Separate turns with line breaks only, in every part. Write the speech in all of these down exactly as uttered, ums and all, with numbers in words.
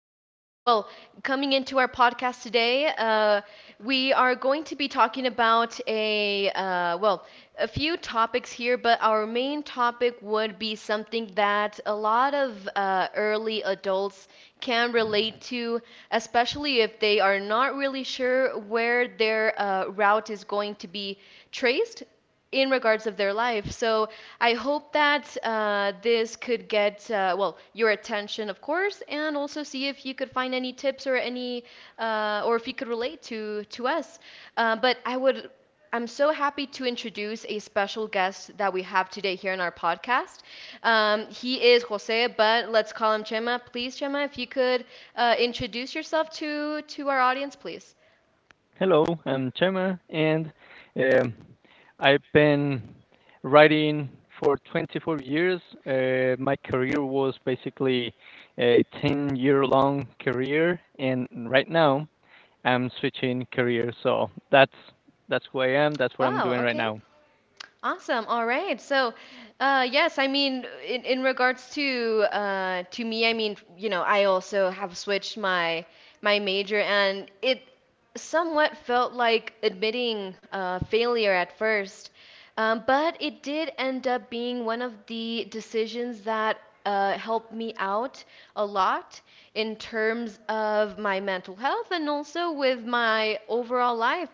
for, uh, well, coming into our podcast today. Uh, we are going to be talking about a, uh, well, a few topics here, but our main topic would be something that a lot of uh, early adults can relate to, especially if they are not really sure where their uh, route is going to be traced in regards of their life. So I hope that uh, this could get uh, well your attention, of course, and also see if you could find any tips or any uh, or if you could relate to to us. Uh, but I would. I'm so happy to introduce a special guest that we have today here in our podcast. Um, he is Jose, but let's call him Chema. Please, Chema, if you could uh, introduce yourself to to our audience, please.
Hello, I'm Chema, and um, I've been writing for twenty-four years. Uh, my career was basically a ten year long career, and right now I'm switching career. So that's that's who I am. That's what I'm
Wow,
doing right
okay.
now.
Awesome. All right. So, uh, yes, I mean, in, in regards to uh, to me, I mean, you know, I also have switched my my major, and it somewhat felt like admitting uh, failure at first, um, but it did end up being one of the decisions that uh, helped me out a lot in terms of my mental health and also with my overall life.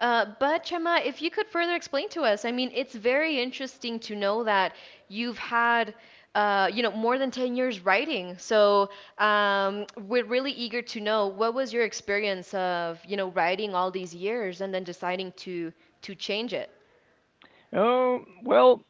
Uh, but Chema, if you could further explain to us, I mean, it's very interesting to know that you've had, uh, you know, more than ten years writing. So um, we're really eager to know what was your experience of, you know, writing all these years and then deciding to to change it.
Oh, well,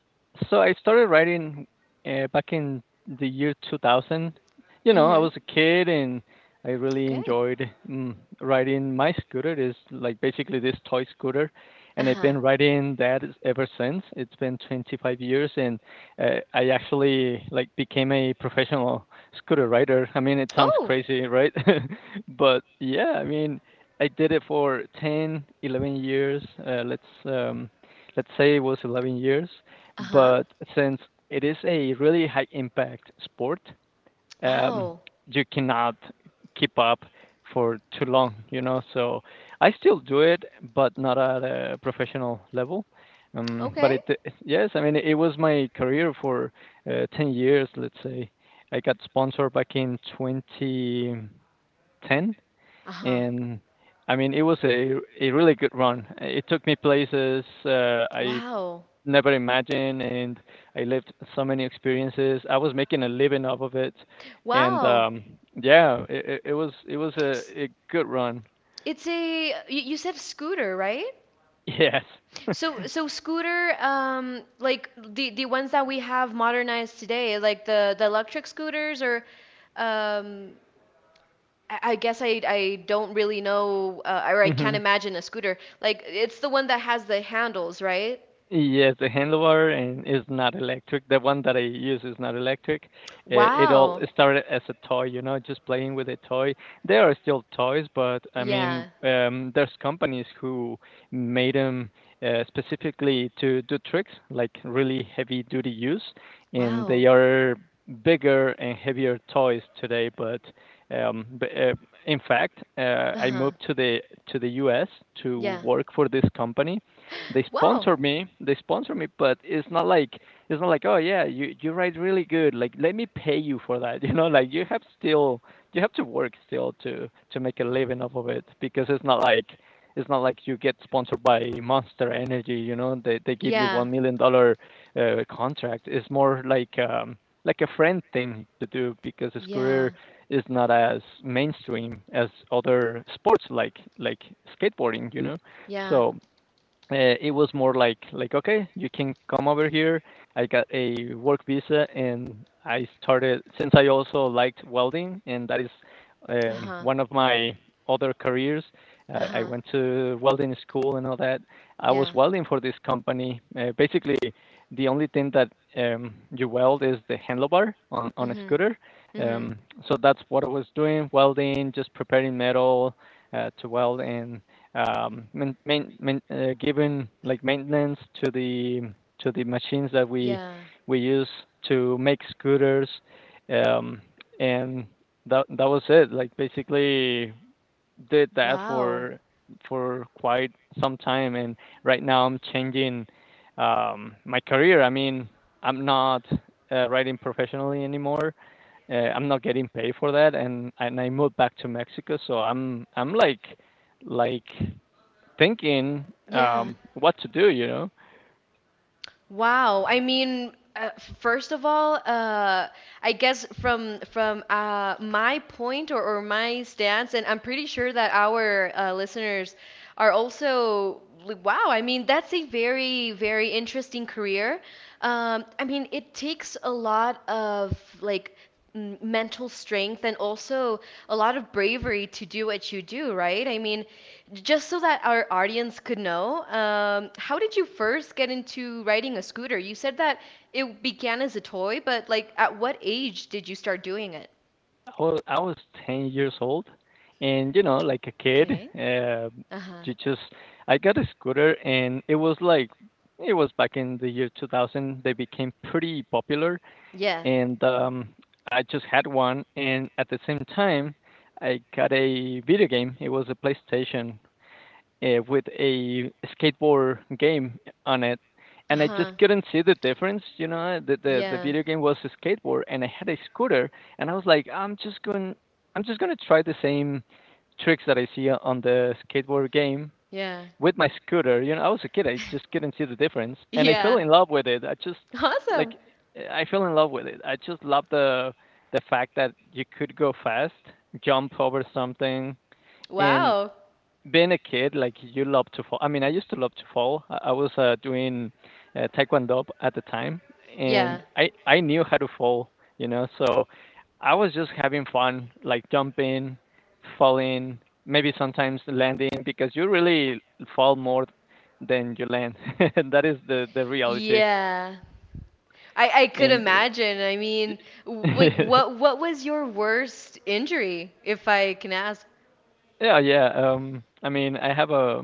so I started writing uh, back in the year two thousand. You know, I
Mm-hmm.
was a kid and I really
Good.
enjoyed mm, riding my scooter. Is like basically this toy scooter, and I've
Uh-huh.
been riding that is- ever since. It's been twenty-five years, and uh, I actually like became a professional scooter rider. I mean, it sounds
Oh.
crazy, right? But yeah, I mean, I did it for ten, eleven years. Uh, let's um, let's say it was eleven years,
Uh-huh.
but since it is a really high impact sport, um,
Wow.
you cannot keep up for too long, you know. So I still do it, but not at a professional level. Um, but
Okay.
it, yes, I mean, it was my career for uh, ten years, let's say. I got sponsored back in twenty ten,
Uh-huh.
and I mean, it was a a really good run. It took me places. Uh, I
Wow.
never imagined, and I lived so many experiences. I was making a living off of it, and
Wow.
um yeah, it, it it was it was a,
S-
a good run.
It's a, y- you said scooter, right?
Yes.
So so scooter um like the the ones that we have modernized today, like the the electric scooters, or um I I guess I, I don't really know uh, or I can't imagine a scooter. Like it's the one that has the handles, right?
Yes, the handlebar, and is not electric. The one that I use is not electric. It, it all
Wow.
started as a toy, you know, just playing with a toy. They are still toys, but I
Yeah.
mean, um, there's companies who made them uh, specifically to do tricks, like really heavy duty use, and they
Wow.
are bigger and heavier toys today. But um, b- uh, in fact, uh, I
Uh-huh.
moved to the to the U S to
Yeah.
work for this company. they
Wow.
sponsor me they sponsor me but it's not like it's not like oh, yeah, you you write really good, like let me pay you for that, you know. Like you have still, you have to work still to to make a living off of it, because it's not like it's not like you get sponsored by Monster Energy, you know. They they give you
Yeah.
one million dollar uh, contract. It's more like um, like a friend thing to do, because his
Yeah.
career is not as mainstream as other sports like like skateboarding, you know.
Yeah.
So uh, it was more like like okay, you can come over here. I got a work visa, and I started, since I also liked welding, and that is um,
Uh-huh.
one of my other careers. uh, I
Uh-huh.
went to welding school and all that. I was
Yeah.
welding for this company. Uh, basically the only thing that um, you weld is the handlebar on, on a
Mhm.
scooter.
Mhm.
um, so that's what I was doing, welding, just preparing metal uh, to weld, and um, main, main, main, uh, giving like maintenance to the to the machines that we
Yeah.
we use to make scooters. um, And that that was it. Like, basically did that
Wow.
for for quite some time, and right now I'm changing um, my career. I mean, I'm not uh, riding professionally anymore. Uh, I'm not getting paid for that, and and I moved back to Mexico, so I'm I'm like like thinking
Yeah.
um, what to do. You know,
Wow. I mean, uh, first of all, uh, I guess from from uh, my point, or, or my stance, and I'm pretty sure that our uh, listeners are also like, wow. I mean, that's a very very interesting career. Um, I mean, it takes a lot of like m- mental strength and also a lot of bravery to do what you do, right? I mean, just so that our audience could know, um, how did you first get into riding a scooter? You said that it began as a toy, but like at what age did you start doing it?
I was, I was ten years old, and you know, like a kid,
Okay.
uh,
Uh-huh.
you just I got a scooter, and it was like it was back in the year two thousand. They became pretty popular,
Yeah.
and um, I just had one. And at the same time, I got a video game. It was a PlayStation, uh, with a skateboard game on it, and I just
Uh-huh.
couldn't see the difference. You know, the the, the
Yeah.
video game was a skateboard, and I had a scooter, and I was like, I'm just going, I'm just gonna try the same tricks that I see on the skateboard game
Yeah.
with my scooter. You know, I was a kid, I just couldn't see the difference, and I fell
Yeah.
in love with it. I just
Awesome.
like, I fell in love with it. I just love the the fact that you could go fast, jump over something, and
Wow.
being a kid, like you love to fall. I mean, I used to love to fall. I, I was uh, doing uh, taekwondo at the time,
Yeah.
and I I knew how to fall, you know. So I was just having fun, like jumping, falling, maybe sometimes landing, because you really fall more than you land, and that is the the reality.
Yeah. I, I could
And
imagine. I mean, w- like
uh,
what what was your worst injury, if I can ask?
yeah, yeah. Um, I mean, I have a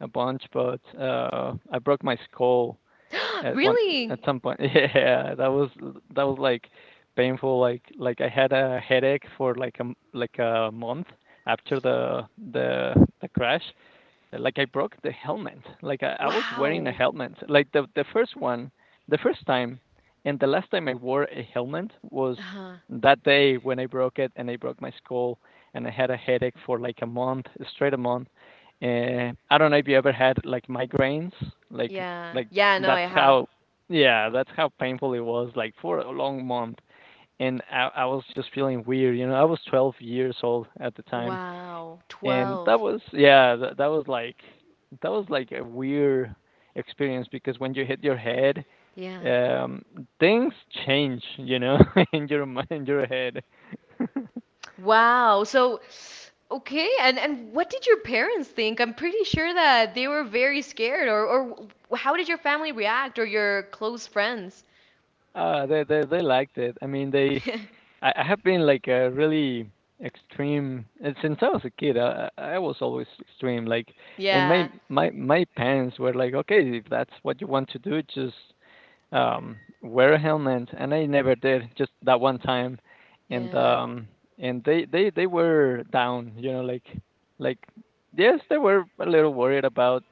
a bunch, but uh, I broke my skull at one at
Really?
some point. Yeah, that was that was like painful. Like like I had a headache for like a m- like a month after the the the crash. Like I broke the helmet. Like I, I was wearing a
Wow.
helmet. Like the the first one, the first time, and the last time I wore a helmet was
Uh-huh.
that day when I broke it and I broke my skull and I had a headache for like a month, straight a month. Uh, I don't know if you ever had like migraines, like
Yeah.
like
Yeah, no, I
that's
have.
how yeah, that's how painful it was, like for a long month. And I, I was just feeling weird, you know. I was twelve years old at the time,
Wow.
and that
twelve.
was yeah, that that was like that was like a weird experience, because when you hit your head,
Yeah.
um, things change, you know, in your mi- in your head.
Wow. So, okay, and and what did your parents think? I'm pretty sure that they were very scared or or w- how did your family react or your close friends?
Uh, they they they liked it. I mean, they I, I have been like a really extreme and since I was a kid. I I I was always extreme. Like, and
Yeah.
my my my parents were like, okay, if that's what you want to do, just um, wear a helmet, and I never did. Just that one time, and
Yeah.
um, and they they they were down. You know, like like yes, they were a little worried about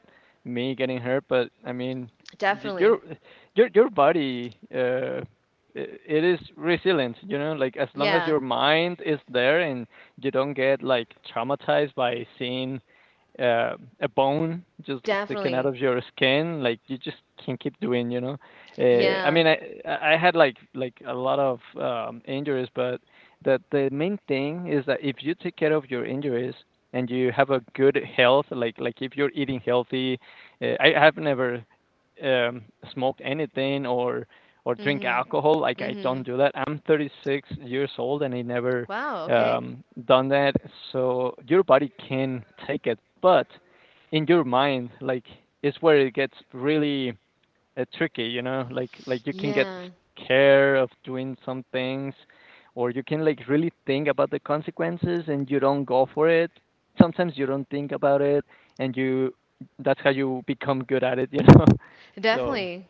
me getting hurt, but I mean, y-
Definitely.
your your your body. Uh, i- it is resilient, you know, like as long as
Yeah.
your mind is there, and you don't get like traumatized by seeing uh, a bone just sticking out
Definitely.
of your skin, like you just can keep doing, you know. Uh, I
Yeah.
mean, I I had like like a lot of um, injuries, but the the main thing is that if you take care of your injuries and you have a good health, like like if you're eating healthy, uh, I have never um, smoked anything or or drink
Mhm.
alcohol. Like I don't
Mhm.
do that. I'm thirty-six years old and I never
Wow, okay.
um, done that. So your body can take it, but in your mind, like it's where it gets really, it's tricky, you know, like like you can get
Yeah,
scared of doing some things, or you can like really think about the consequences and you don't go for it. Sometimes you don't think about it, and you that's how you become good at it, you know. So
definitely.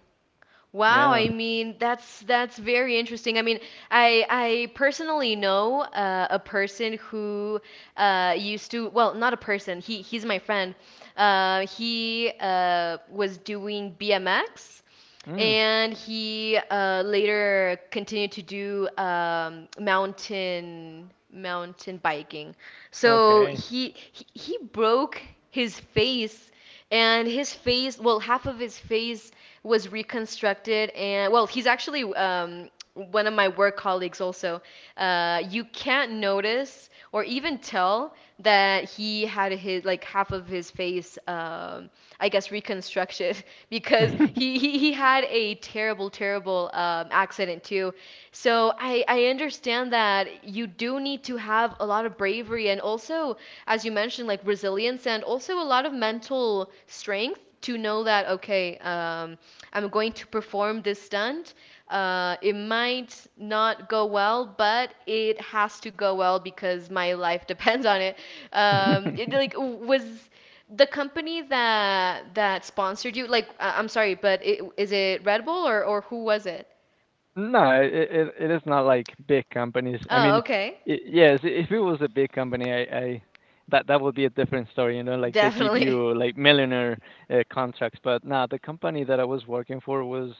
Wow,
yeah,
I mean that's that's very interesting. I mean, I I personally know uh, a person who uh, used to well, not a person. He he's my friend. Uh, he uh, was doing B M X,
mm,
and he uh, later continued to do um, mountain mountain biking. So
okay.
he he, he broke his face, and his face, well, half of his face was reconstructed, and well, he's actually um, one of my work colleagues also. Uh, you can't notice or even tell that he had his, like, half of his face um, I guess reconstructed because he, he he had a terrible terrible um, accident too. So i i understand that you do need to have a lot of bravery and also, as you mentioned, like resilience and also a lot of mental strength to know that, okay, um, I'm going to perform this stunt. Uh, it might not go well, but it has to go well because my life depends on it. Um, it like was the company that that sponsored you, like, I- I'm sorry, but it, is it Red Bull, or, or who was it?
No, it it it is not like big companies. I
Oh,
mean,
okay.
i- yes, if it was a big company, I I that that would be a different story, you know, like they give
Definitely.
you like millionaire uh, contracts, but nah, the company that I was working for was,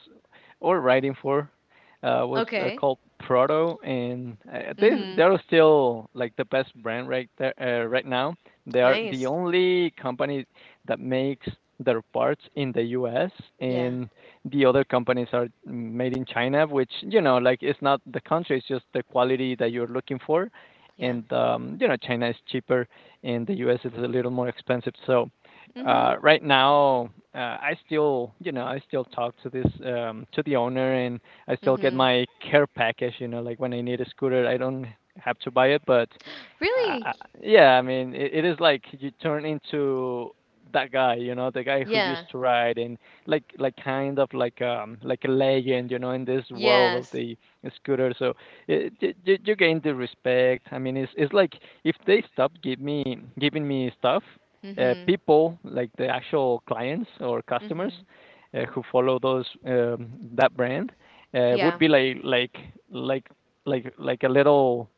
or writing for, uh was uh,
Okay.
called Proto, and uh, they
Mm-hmm.
they're still like the best brand right there uh, right now. They are the
Nice.
only company that makes their parts in the U S,
Yeah,
and the other companies are made in China, which, you know, like it's not the country, it's just the quality that you're looking for.
yeah.
And um, you know, China is cheaper, and the U S is a little more expensive. So
Mhm.
uh, right now, uh, I still, you know, I still talk to this um, to the owner, and I still get
Mhm.
my care package. You know, like when I need a scooter, I don't have to buy it, but uh,
Really?
uh, yeah, I mean, it, it is like you turn into that guy, you know, the guy who used
Yeah.
to ride, and like like kind of like um like a legend, you know, in this world of
Yes.
the scooter. So it, you, you you gain the respect. I mean, it's it's like if they stop give me giving me stuff, uh,
Mhm.
people like the actual clients or customers
Mhm.
uh, who follow those um, that brand uh, would
Yeah.
be like like like like like a little,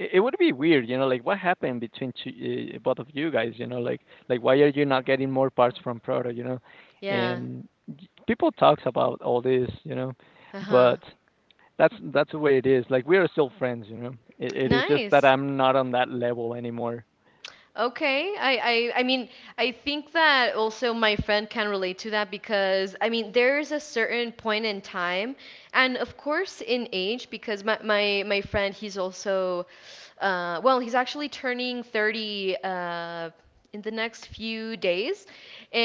it, it would be weird, you know, like what happened between two, uh, both of you guys, you know, like like why are you not getting more parts from Proto, you know?
Yeah.
And y- people talks about all this, you know,
Uh-huh.
but that's that's the way it is. Like we are still friends, you know. It, it is just that
Nice.
I'm not on that level anymore.
Okay. I, I I mean, I think that also my friend can relate to that because I mean, there's a certain point in time and of course in age because my my, my friend, he's also uh well, he's actually turning thirty uh in the next few days.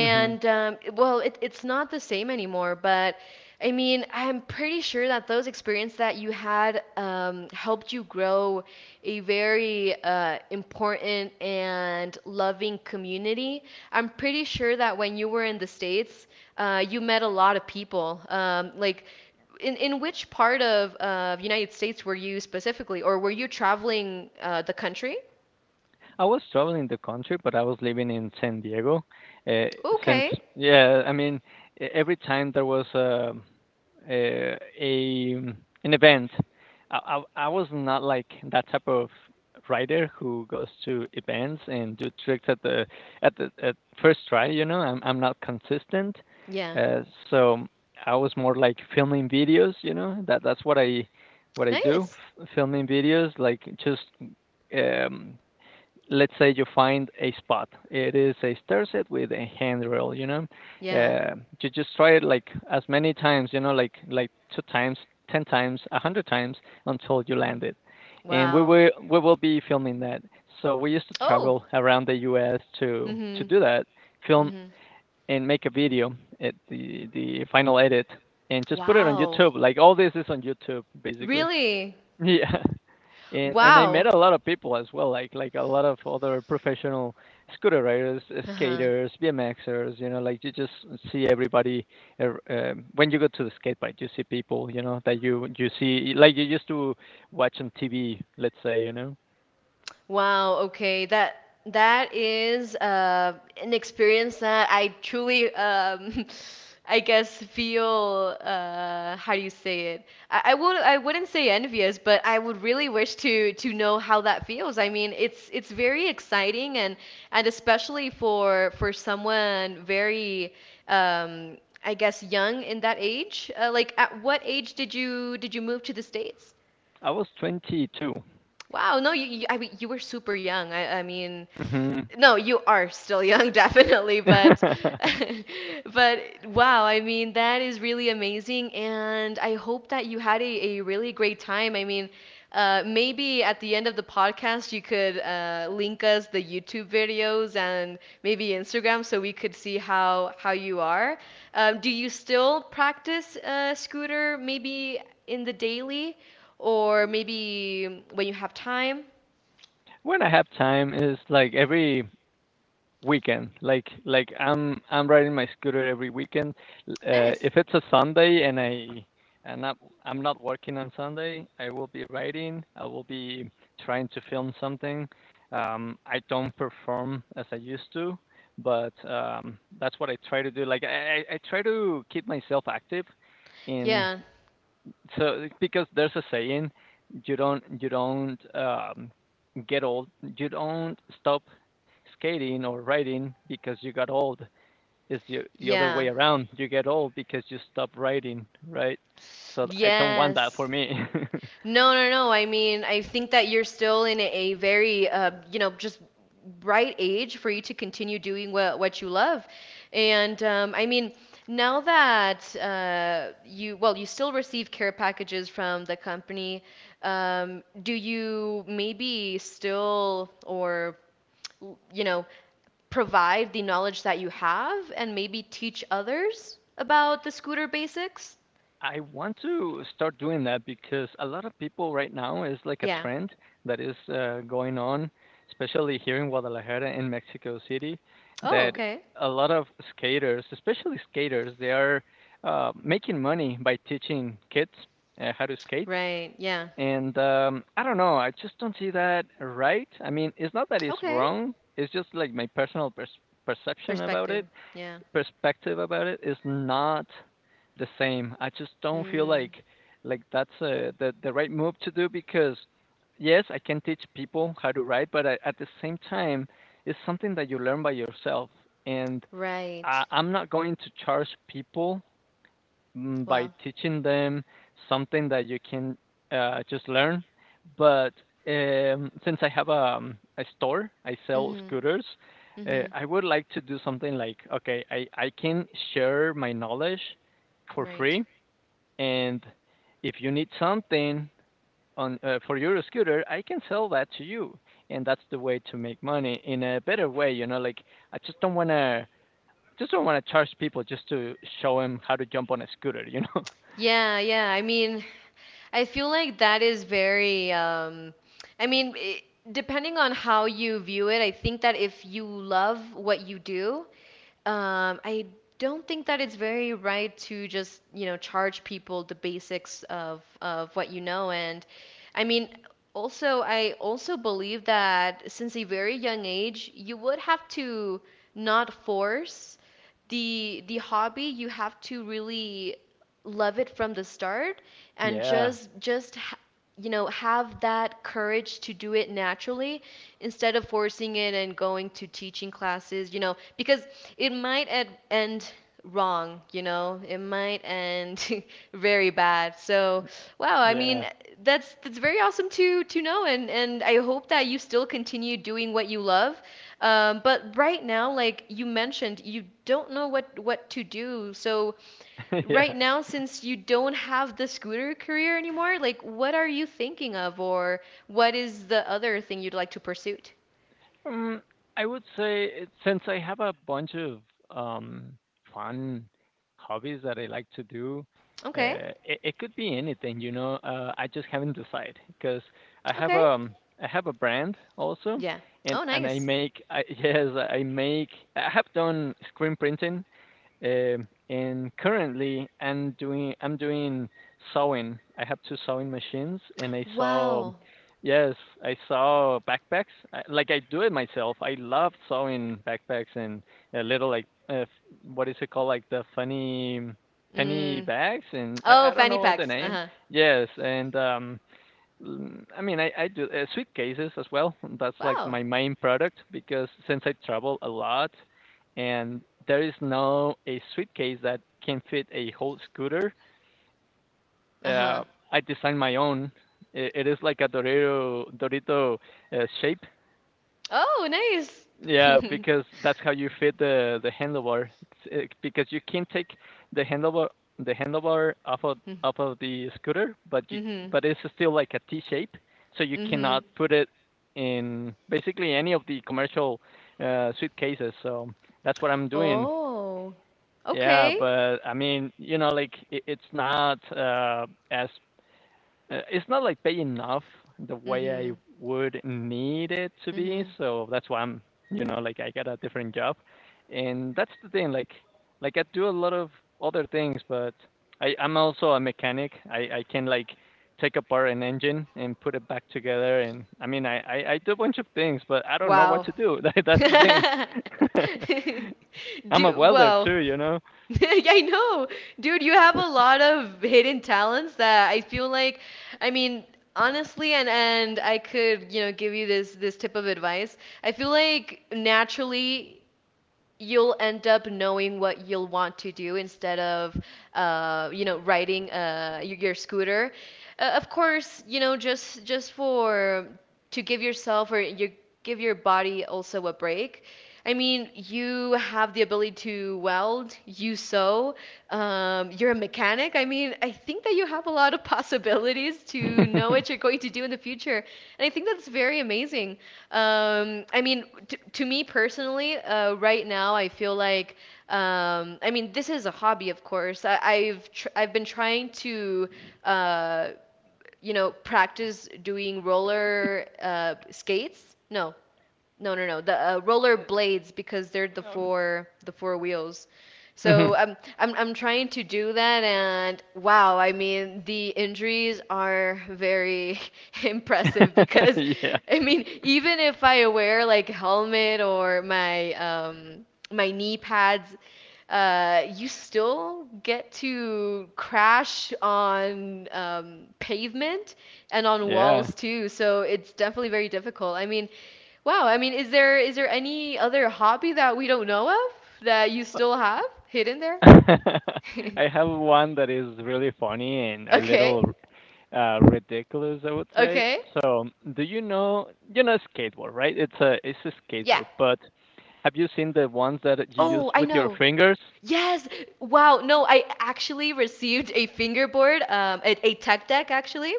Mm-hmm.
um, it- well, it, it's not the same anymore. But I mean, I'm pretty sure that those experiences that you had um, helped you grow a very uh, important and loving community. I'm pretty sure that when you were in the States, uh, you met a lot of people. Um, like, in, in which part of uh, United States were you specifically, or were you traveling uh, the country?
I was traveling the country, but I was living in San Diego. Uh, since
Okay.
yeah, I mean, e- Every time there was a a, a an event, I, I I was not like that type of rider who goes to events and do tricks at the at the at first try. You know, I'm I'm not consistent,
Yeah.
uh, so I was more like filming videos. You know, that that's what I what I do,
Nice.
f- filming videos, like just um, let's say you find a spot. It is a stair set with a handrail, you know.
Yeah.
Uh, you just try it like as many times, you know, like like two times, ten times, a hundred times until you land it. And we
Wow.
will we will be filming that. So we used to
Oh.
travel around the U S to to
Mhm.
do that, film
Mhm.
and make a video at the the final edit, and just put it on
Wow.
YouTube. Like all this is on YouTube, basically.
Really?
Yeah. and and I
Wow.
met a lot of people as well, like like a lot of other professional scooter riders, uh,
Uh-huh.
skaters, BMXers. You know, like you just see everybody ev- um, when you go to the skate park, you see people. You know that you you see like you used to watch on T V. Let's say you know
Wow, okay. That that is uh, an experience that I truly um I guess feel, uh, how do you say it? I, I would, I wouldn't say envious, but I would really wish to to know how that feels. I mean, it's it's very exciting, and and especially for for someone very um, I guess young in that age. Uh, like at what age did you did you move to the States?
I was twenty-two.
Wow, no, you, you, I mean, you were super young. I, I mean,
hmm
no, you are still young, definitely, but but wow, I mean, that is really amazing, and I hope that you had a, a really great time. I mean, uh, maybe at the end of the podcast, you could uh, link us the YouTube videos, and maybe Instagram, so we could see how how you are. Um, do you still practice uh, scooter maybe in the daily or maybe when you have time?
when I have time, it's like every weekend. Like like I'm I'm riding my scooter every weekend. Uh,
Nice.
if it's a Sunday and I and I'm I'm not working on Sunday, I will be riding. I will be trying to film something. Um, I don't perform as I used to, but um, that's what I try to do. Like I, I I try to keep myself active in,
Yeah.
so eh, because there's a saying. You don't you don't um, get old. You don't stop skating or riding because you got old. It's the, the other way
Yeah.
around. You get old because you stop riding, right? So I don't want that for
Yes.
me.
No, no, no. I mean, I think that you're still in a very, uh, you know, just right age for you to continue doing what what you love. And um, I mean, now that uh, you, well, you still receive care packages from the company, um, do you maybe still or, you know, provide the knowledge that you have and maybe teach others about the scooter basics?
I want to start doing that because a lot of people right now is like a
Yeah.
trend that is uh, going on, especially here in Guadalajara and Mexico City,
Oh,
that
okay.
a lot of skaters, especially skaters, they are uh, making money by teaching kids uh, how to skate.
Right. Yeah.
And um, I don't know, I just don't see that right. I mean, it's not that it's
Okay.
wrong, it's just like my personal pers- perception about
Perspective.
it
Yeah.
perspective about it is not the same. I just don't feel
Mm.
like like that's uh, the the right move to do because yes, I can teach people how to write, but I, at the same time, it's something that you learn by yourself. And I,
Right.
I'm not going to charge people, mm, by
Well.
teaching them something that you can uh, just learn. But um, since I have um, a store, I sell
Mhm.
scooters. Uh,
Mhm.
I would like to do something like okay, I, I can share my knowledge for
Right.
free, and if you need something on, uh, for your scooter, I can sell that to you, and that's the way to make money in a better way. You know, like I just don't wanna just don't wanna charge people just to show them how to jump on a scooter. You know.
Yeah, yeah. I mean, I feel like that is very, um, I mean, I depending on how you view it, I think that if you love what you do, um, I don't think that it's very right to just, you know, charge people the basics of of what you know. And I mean, also, I also believe that since a very young age, you would have to not force the the hobby. You have to really love it from the start, and
Yeah.
just just ha- you know, have that courage to do it naturally instead of forcing it and going to teaching classes, you know, because it might ed- end wrong, you know, it might end very bad. So wow, i mean,
Yeah.
that's that's very awesome to to know, and and i hope that you still continue doing what you love. Um, but right now, like you mentioned, you don't know what what to do. So
Yeah.
right now, since you don't have the scooter career anymore, like, what are you thinking of, or what is the other thing you'd like to pursue?
Mm, I would say it, since I have a bunch of um, fun hobbies that I like to do,
Okay.
uh, it, it could be anything, you know. Uh, I just haven't decided because I have
Okay.
um I have a brand also,
Yeah.
and
Oh,
and I
nice.
make I, yes I make I have done screen printing. Um, and currently, I'm doing I'm doing sewing. I have two sewing machines, and I sew.
Wow.
Yes, I sew backpacks. I, like I do it myself. I love sewing backpacks and a little like uh, f- what is it called? Like the funny penny
Mm.
bags, and I,
Oh,
I don't
fanny
know the
packs.
name.
Uh-huh.
Yes, and um, Mm, I mean, I, I do uh, sweet cases as well. That's like
Wow.
my main product because since I travel a lot, and there is no a suitcase that can fit a whole scooter.
Uh-huh.
Uh, I designed my own. I, it is like a Dorito Dorito uh, shape,
Oh, nice.
yeah, because that's how you fit the the handlebar. It's, uh, because you can take the handlebar the handlebar off of off of the scooter, but you,
Mm-hmm.
but it's still like a T shape, so you
Mm-hmm.
cannot put it in basically any of the commercial uh, suitcases. So that's what I'm doing.
Oh,
Yeah,
okay.
but I mean, you know, like it, it's not, uh, as uh, it's not like paying enough the way I
Mm-hmm.
would need it to be,
Mm-hmm.
so that's why I'm, you know, like I got a different job, and that's the thing. Like, like I do a lot of other things, but I I'm also a mechanic. I I can like take apart an engine and put it back together, and I mean I I, I do a bunch of things, but I don't know what
Wow.
to do. That, that's the thing. I'm a
Dude,
welder
well,
too, you know.
I know. Dude, you have a lot of hidden talents that I feel like, I mean, honestly, and and I could, you know, give you this this tip of advice. I feel like naturally you'll end up knowing what you'll want to do instead of uh, you know, riding uh, y- your scooter, uh, of course, you know, just just for to give yourself, or you give your body also a break. I mean, you have the ability to weld, you sew, um, you're a mechanic. I mean, I think that you have a lot of possibilities to know what you're going to do in the future. And I think that's very amazing. Um, I mean, t To me personally, uh, right now, I feel like, um, I mean, this is a hobby, of course. I, I've tr I've been trying to, uh, you know, practice doing roller uh, skates. No, no, no, no. The uh, roller blades because they're the
Um,
four the four wheels. So
mhm.
I'm I'm I'm trying to do that. And wow, I mean, the injuries are very impressive because
yeah,
I mean, even if I wear like helmet or my um my knee pads, uh you still get to crash on um pavement and on
yeah.
walls too. So it's definitely very difficult. I mean... Wow, I mean, is there is there any other hobby that we don't know of that you still have hidden there?
I have one that is really funny and a
Okay.
little uh, ridiculous, I would say.
Okay.
So, do you know you know skateboard, right? It's a it's a
Yeah.
skateboard, but have you seen the ones that you use
Oh, I
with your
know.
fingers?
Yes. Wow. No, I actually received a fingerboard, um, a, a tech deck actually,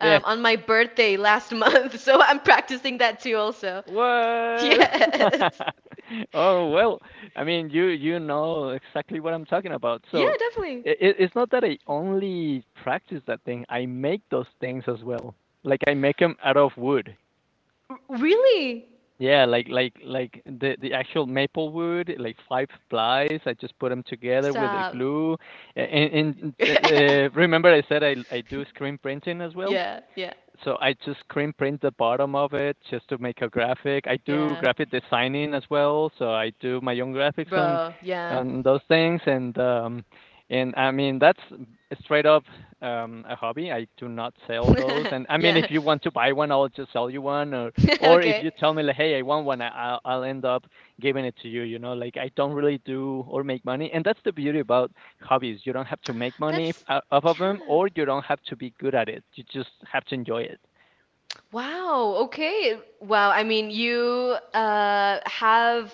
Yes.
on my birthday last month. So I'm practicing that too also.
What?
Yes.
Oh, well, I mean, you you know exactly what I'm talking about.
Yeah,
So,
definitely.
I it's not that I only practice that thing. I make those things as well. Like I make them out of wood.
R- really?
Yeah, like like like the the actual maple wood, like five plies. I just put them together with a
Stop.
glue. A- And, and uh, remember, I said I I do screen printing as well.
Yeah, yeah,
So I just screen print the bottom of it just to make a graphic. I do
yeah.
graphic designing as well, so I do my own graphics on
Bro, yeah.
on those things and um and I mean that's straight up um a hobby. I do not sell those. And I mean if
Yeah.
you want to buy one, I'll just sell you one, or or if
Okay.
you tell me like hey, I want one, I, I'll I'll end up giving it to you, you know? Like I don't really do or make money. And that's the beauty about hobbies. You don't have to make money
That's
f- off of them,
Yeah.
or you don't have to be good at it. You just have to enjoy it.
Wow, okay. Wow, I mean, you uh have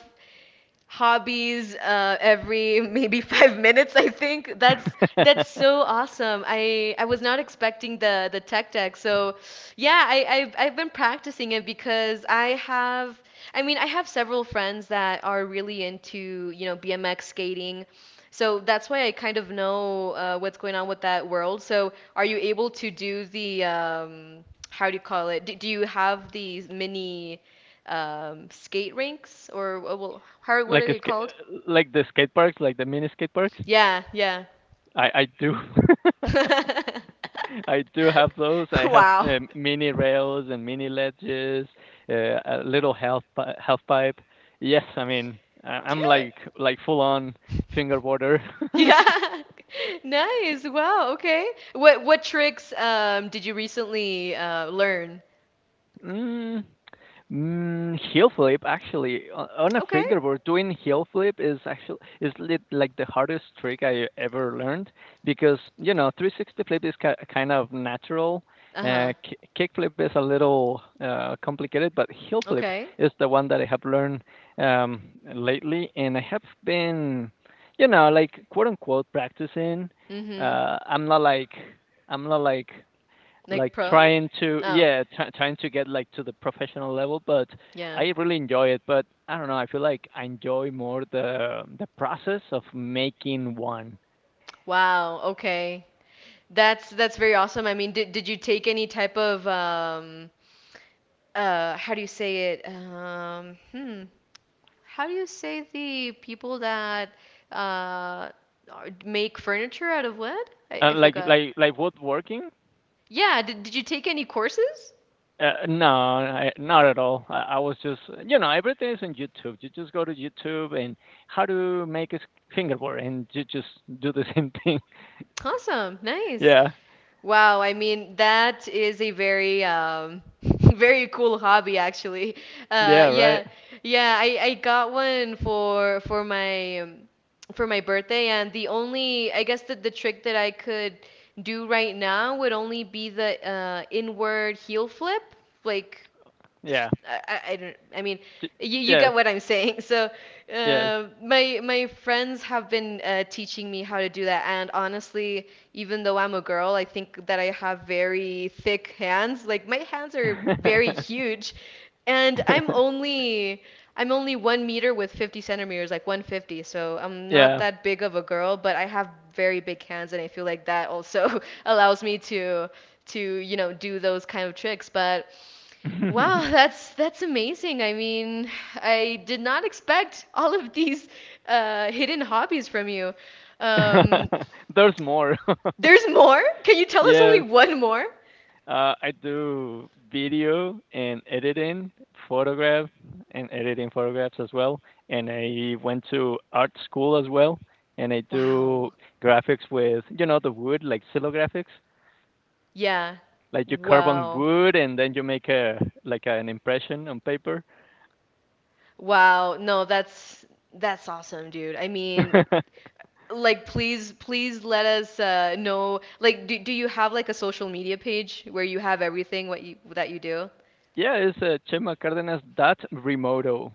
hobbies uh, every maybe five minutes. I think that's that's so awesome. I i was not expecting the the tech deck. So yeah, i I've, I've been practicing it because i have i mean i have several friends that are really into you know BMX skating. So that's why I kind of know uh, what's going on with that world. So are you able to do the um how do you call it, do, do you have these mini um, skate rinks or uh, well, how... what are
like a
they
ska-
called?
like the skate parks, like the mini skate parks.
Yeah, yeah.
I I do. I do have those. I have
Wow,
um, mini rails and mini ledges, uh, a little half pi- health pipe. Yes, I mean I- I'm
dude.
like like full on fingerboarder.
Yeah. Nice. Wow. Okay. What what tricks um did you recently uh learn?
mm, Mm, heel flip actually, o- on a
Okay.
fingerboard doing heel flip is actually is lit, like the hardest trick I ever learned, because you know three sixty flip is ki- kind of natural.
Uh-huh.
Uh, ki- kick flip is a little uh, complicated, but heel flip
Okay.
is the one that I have learned um, lately, and I have been, you know, like quote unquote practicing.
Mm-hmm.
Uh, I'm not like I'm not like
Like
like
pro?
trying to,
Oh,
yeah, try trying to get like to the professional level, but
yeah.
I really enjoy it, but I don't know, I feel like I enjoy more the the process of making one.
Wow. Okay. That's that's very awesome. I mean, did did you take any type of um uh how do you say it? Um hmm. How do you say the people that uh are- make furniture out of wood? I,
Uh,
I
like
forgot.
like like woodworking,
Yeah, did did you take any courses?
uh, no, I, not at all. I, I was just, you know, everything is on YouTube. You just go to YouTube and how to make a s- fingerboard, and you just do the same thing.
Awesome. Nice.
Yeah.
Wow, I mean, that is a very um very cool hobby actually. Uh
Yeah, right.
yeah. Yeah, I I got one for for my um, for my birthday, and the only, I guess, that the trick that I could do right now would only be the uh inward heel flip. Like
Yeah.
I, I don't... I mean,
J-
you, you
yes.
get what I'm saying. So
Yes.
uh, my my friends have been uh, teaching me how to do that. And honestly, even though I'm a girl, I think that I have very thick hands. Like my hands are very huge, and I'm only I'm only one meter with fifty centimeters, like one fifty. So I'm not
Yeah.
that big of a girl, but I have very big hands, and I feel like that also allows me to to you know do those kind of tricks, but... Wow, that's that's amazing. I mean, I did not expect all of these uh, hidden hobbies from you. Um,
There's more.
there's more? Can you tell us only
Yes,
one more?
uh, I do video and editing, photograph and editing photographs as well. And I went to art school as well. And I do
Wow.
graphics with, you know, the wood, like silo graphics.
Yeah.
Like you carve on
Wow.
wood and then you make a like an impression on paper.
Wow. No, that's that's awesome, dude. I mean, like please please let us uh, know, like, do, do you have like a social media page where you have everything what you that you do?
Yeah, it's uh, Chema Cárdenas dot Remoto.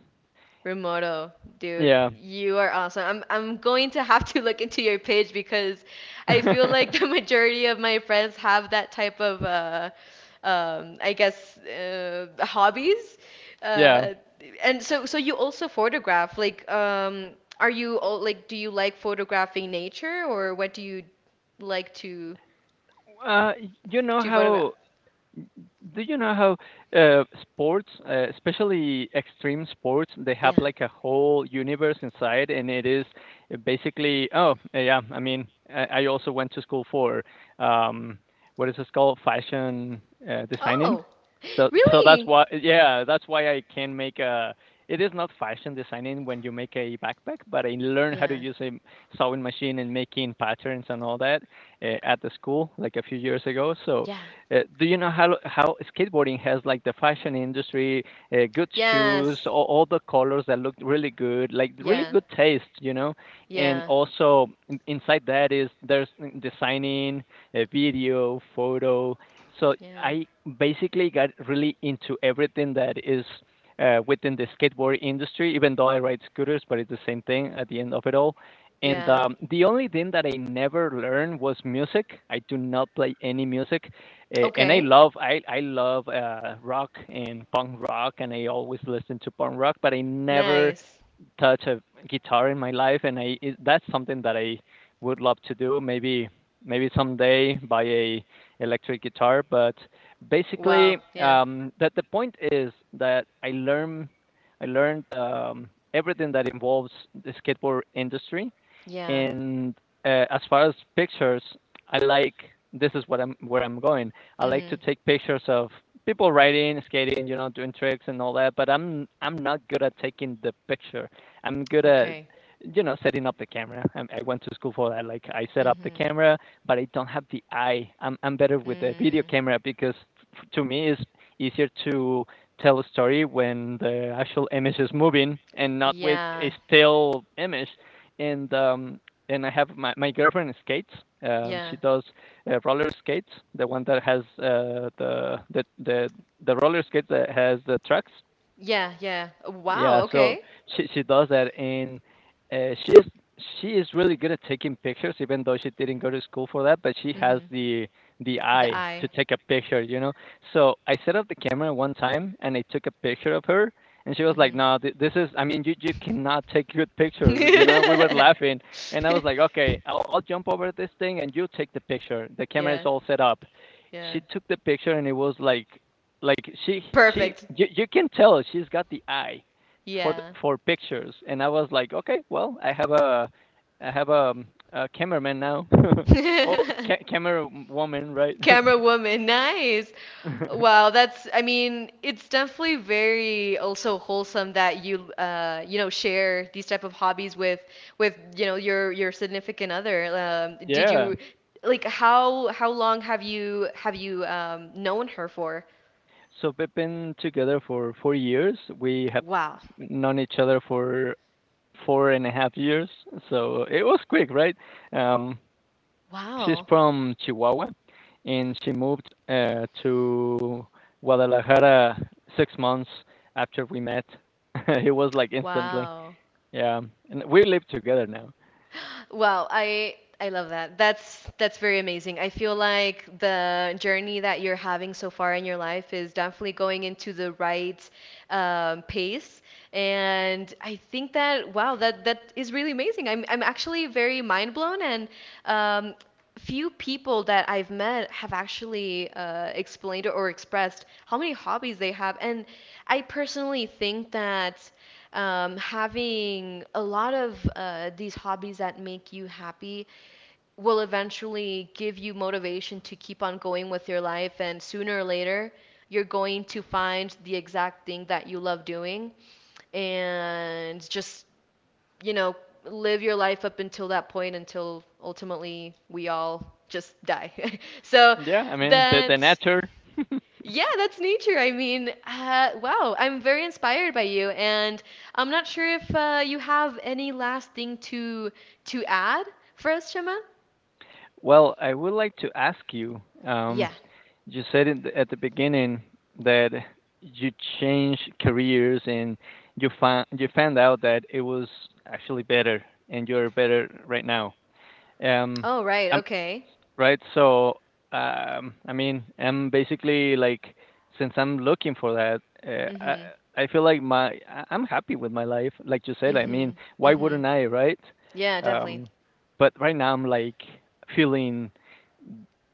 Remoto, dude,
Yeah.
you are awesome. I'm I'm going to have to look into your page because I feel like the majority of my friends have that type of uh, um, I guess, uh, hobbies.
Yeah.
Uh, and so so you also photograph. Like, um, are you all like do you like photographing nature, or what do you like to
Uh, you know
to photograph?
how N- Do you know how uh, sports, uh, especially extreme sports, they have
Yeah.
like a whole universe inside, and it is uh, basically oh uh, yeah. I mean, I, I also went to school for um, what is this called, fashion uh, designing.
Oh,
So so that's
really?
why yeah, that's why I can make a. It is not fashion designing when you make a backpack, but I learned how to
Yeah.
use a m- sewing machine and making patterns and all that uh, at the school like a few years ago. So
Yeah.
uh, do you know how how skateboarding has like the fashion industry, uh, good shoes,
Yes.
all, all the colors that look really good, like really
Yeah.
good taste, you know? And
Yeah.
also in, inside that is there's mm, designing, a video, photo. So
Yeah.
I basically got really into everything that is uh, within the skateboard industry, even though I ride scooters, but it's the same thing at the end of it all. And
Yeah.
um, the only thing that I never learned was music. I do not play any music. A- and I
Okay.
love I I love uh, rock and punk rock, and I always listen to punk rock, but I never
Nice.
touch a guitar in my life, and I it, that's something that I would love to do. Maybe maybe someday buy a electric guitar, but basically
Wow. Yeah.
um, that the point is that I learn I learned um, everything that involves the skateboard industry
Yeah.
and uh, as far as pictures, I like this is what I'm where I'm going. I like
Mm-hmm.
to take pictures of people riding, skating, you know, doing tricks and all that. But I'm I'm not good at taking the picture. I'm good at
Okay.
you know setting up the camera. I, I went to school for that. Like I set up the
Mm-hmm.
camera, but I don't have the eye. I'm I'm better with the video
Mm.
camera because f- to me it's easier to tell a story when the actual image is moving and not with a
Yeah.
still image and um, and I have my, my girlfriend skates. Um, she
Yeah.
does uh, roller skates, the one that has uh, the the the the roller skates that has the tracks,
Yeah. Yeah.
yeah,
Wow.
so
Okay.
she she does that, and uh, she is she is really good at taking pictures, even though she didn't go to school for that. But she has
Mm-hmm.
the the
The
eye to
eye.
take a picture, you know. So I set up the camera one time, and I took a picture of her, and she was like,
Mm-hmm.
"No, th- this is. I mean, you you cannot take good pictures." You know, we were laughing, and I was like, "Okay, I'll I'll jump over this thing, and you take the picture. The camera is
Yeah.
all set up."
Yeah.
She took the picture, and it was like like she she
Perfect.
you, you can tell she's got the eye for the,
Yeah.
for pictures, and I was like, okay, well, I have a I have a, um, a cameraman now. Oh, ca- camera woman, right?
Camera woman, nice. Wow, that's, I mean, it's definitely very also wholesome that you uh, you know, share these type of hobbies with with, you know, your your significant other. Um, did
Yeah.
you, like, how how long have you have you um known her for?
So we've been together for four years. We have
Wow.
known each other for four and a half years. So it was quick, right? Um, she's
Wow.
from Chihuahua, and she moved uh, to Guadalajara six months after we met. It was like instantly.
Wow.
Yeah, and we live together now.
Wow, I I love that. That's that's very amazing. I feel like the journey that you're having so far in your life is definitely going into the right um, pace. And I think that, wow, that that is really amazing. I'm I'm actually very mind blown, and um, few people that I've met have actually uh, explained or expressed how many hobbies they have. And I personally think that, um, having a lot of uh, these hobbies that make you happy will eventually give you motivation to keep on going with your life. And sooner or later, you're going to find the exact thing that you love doing, and just, you know, live your life up until that point until ultimately we all just die. so
Yeah, I mean the
that
the nature.
Yeah, that's nature. I mean, uh, wow, I'm very inspired by you, and I'm not sure if uh, you have any last thing to to add for us, Shema.
Well, I would like to ask you. Um,
Yeah.
you said in the, at the beginning that you changed careers and you found you found out that it was actually better and you're better right now. Um,
Oh, right.
I'm
Okay.
Right. So, um, I mean, I'm basically like, since I'm looking for that, uh,
Mhm.
I, I feel like my I- I'm happy with my life. Like you said, I mean,
Mhm.
why
Mhm.
wouldn't I, right?
Yeah, definitely.
Um, but right now I'm like feeling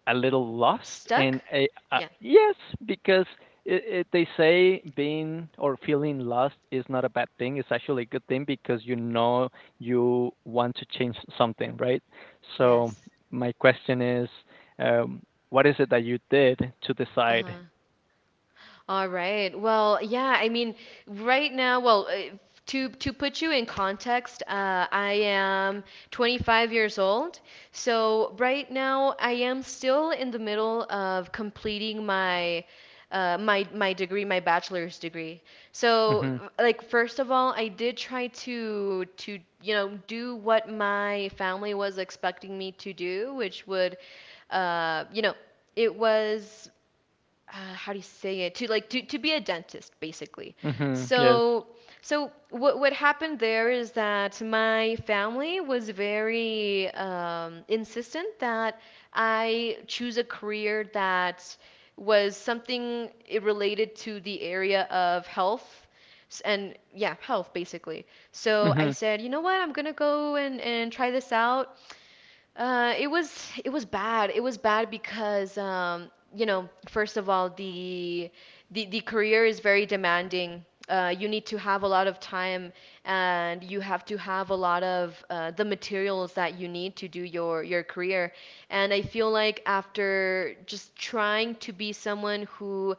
a little lost
Stuck?
and I, uh,
Yeah.
yes, because it, it, they say being or feeling lost is not a bad thing, it's actually a good thing because you know you want to change something, right? So
Yes.
my question is um, what is it that you did to
Uh
decide
huh. All right. Well, yeah, I mean, right now, well, uh, to to put you in context, uh, I am twenty-five years old. So right now, I am still in the middle of completing my uh, my my degree, my bachelor's degree. So,
mm-hmm,
like, first of all, I did try to to you know do what my family was expecting me to do, which would, uh, you know, it was, uh, how do you say it, to like to, to be a dentist, basically.
mm-hmm, yes,
So so what what happened there is that my family was very um, insistent that I choose a career that was something i- related to the area of health. S- and yeah, health basically. So I
mm-hmm,
said, you know what, I'm gonna go and, and try this out. uh, it was it was bad. It was bad because, um, you know, first of all, the the the career is very demanding. Uh, you need to have a lot of time, and you have to have a lot of uh, the materials that you need to do your your career. And I feel like after just trying to be someone who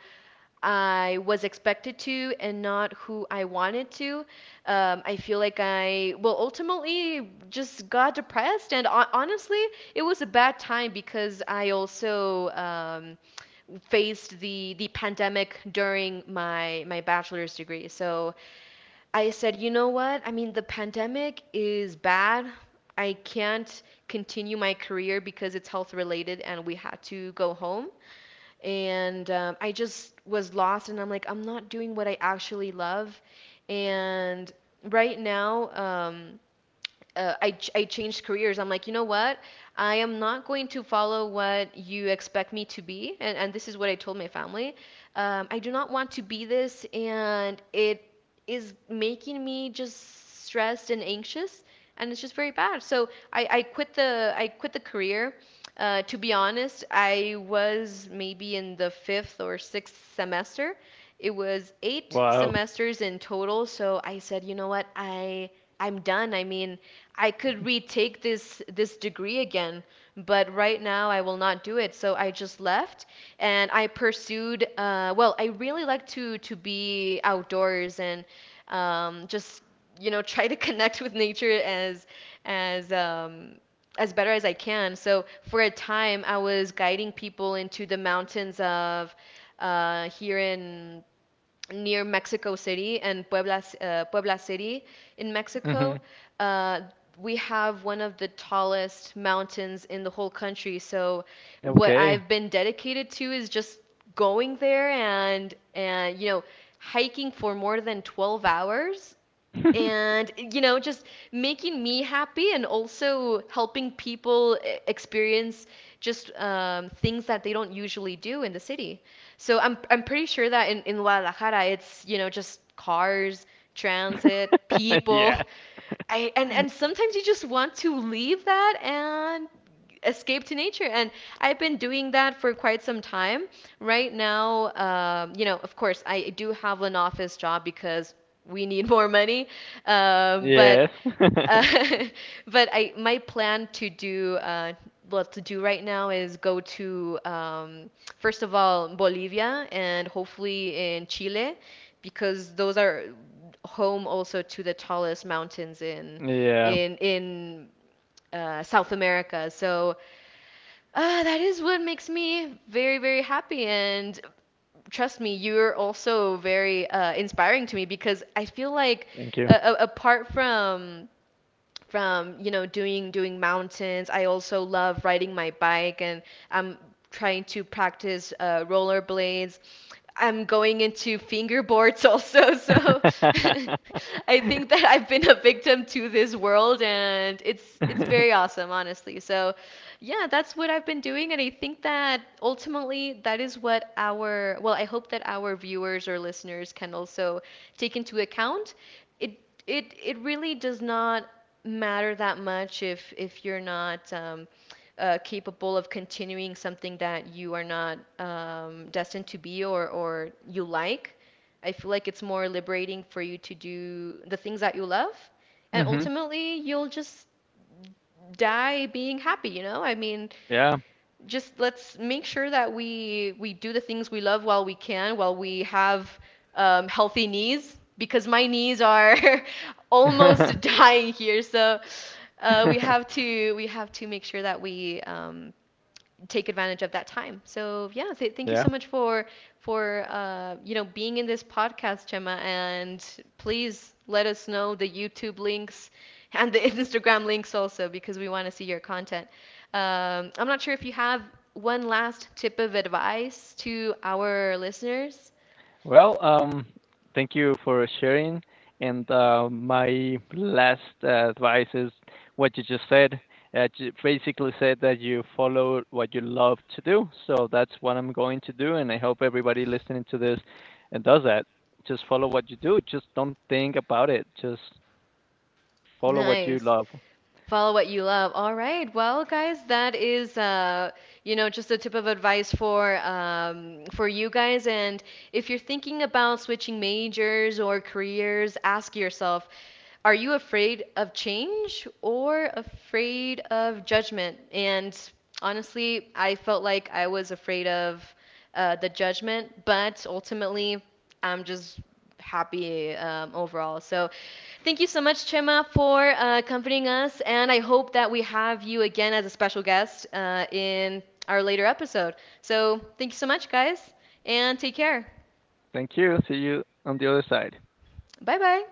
I was expected to and not who I wanted to... Um, I feel like I, well, ultimately just got depressed. And hon- honestly, it was a bad time because I also, um, faced the, the pandemic during my, my bachelor's degree. So I said, you know what? I mean, the pandemic is bad. I can't continue my career because it's health related, and we had to go home. And um, I just was lost, and I'm like, I'm not doing what I actually love. And right now... Um, uh, I, ch- I changed careers. I'm like, you know what? I am not going to follow what you expect me to be. And, and this is what I told my family. Um, I do not want to be this, and it is making me just stressed and anxious, and it's just very bad. So I, I quit the I quit the career. Uh, to be honest, I was maybe in the fifth or sixth semester. It was eight
wow,
semesters in total. So I said, you know what? I I'm done. I mean, I could retake this this degree again, but right now I will not do it. So I just left, and I pursued... Uh, well, I really like to to be outdoors, and um, just, you know, try to connect with nature as as um, as better as I can. So for a time, I was guiding people into the mountains of, uh, here in near Mexico City and Puebla, uh, Puebla City, in
mm-hmm,
Mexico. Uh, we have one of the tallest mountains in the whole country. So what
okay,
I've been dedicated to is just going there and and you know hiking for more than twelve hours, and you know just making me happy, and also helping people e- experience just, um, things that they don't usually do in the city. So i'm, I'm pretty sure that in, in Guadalajara, it's you know just cars, transit, people.
yeah,
I, and and sometimes you just want to leave that and escape to nature. And I've been doing that for quite some time. Right now, um, you know, of course I do have an office job because we need more money. Um, but
yes,
uh, but I my plan to do, uh, what to do right now is go to, um, first of all, Bolivia, and hopefully in Chile, because those are home also to the tallest mountains in
yeah,
in in uh, South America. So, uh, that is what makes me very, very happy. And trust me, you're also very uh, inspiring to me, because I feel like,
thank you.
uh, apart from from you know doing doing mountains. I also love riding my bike, and I'm trying to practice uh, rollerblades. I'm going into fingerboards also, so I think that I've been a victim to this world, and it's it's very awesome, honestly. So, yeah, that's what I've been doing, and I think that ultimately that is what our well, I hope that our viewers or listeners can also take into account. It it it really does not matter that much if if you're not um, uh, capable of continuing something that you are not um, destined to be, or or you like. I feel like it's more liberating for you to do the things that you love, and
Mhm.
ultimately you'll just die being happy. You know, I mean,
Yeah.
just let's make sure that we we do the things we love while we can, while we have um, healthy knees, because my knees are almost dying here. So uh, we have to we have to make sure that we, um, take advantage of that time. So yeah, th- thank you
Yeah.
so much for for uh, you know being in this podcast, Chema. And please let us know the YouTube links and the Instagram links also, because we want to see your content. Um, I'm not sure if you have one last tip of advice to our listeners.
Well, um, thank you for sharing. And uh, my last uh, advice is what you just said. Uh, you basically said that you follow what you love to do. So that's what I'm going to do. And I hope everybody listening to this and does that. Just follow what you do. Just don't think about it. Just follow what you
Nice.
love.
Follow what you love. All right. Well, guys, that is, uh, you know, just a tip of advice for um, for you guys. And if you're thinking about switching majors or careers, ask yourself, are you afraid of change or afraid of judgment? And honestly, I felt like I was afraid of uh, the judgment. But ultimately, I'm just happy um, overall. So, thank you so much, Chema, for uh, accompanying us. And I hope that we have you again as a special guest uh, in our later episode. So, thank you so much, guys, and take care.
Thank you. See you on the other side.
Bye bye.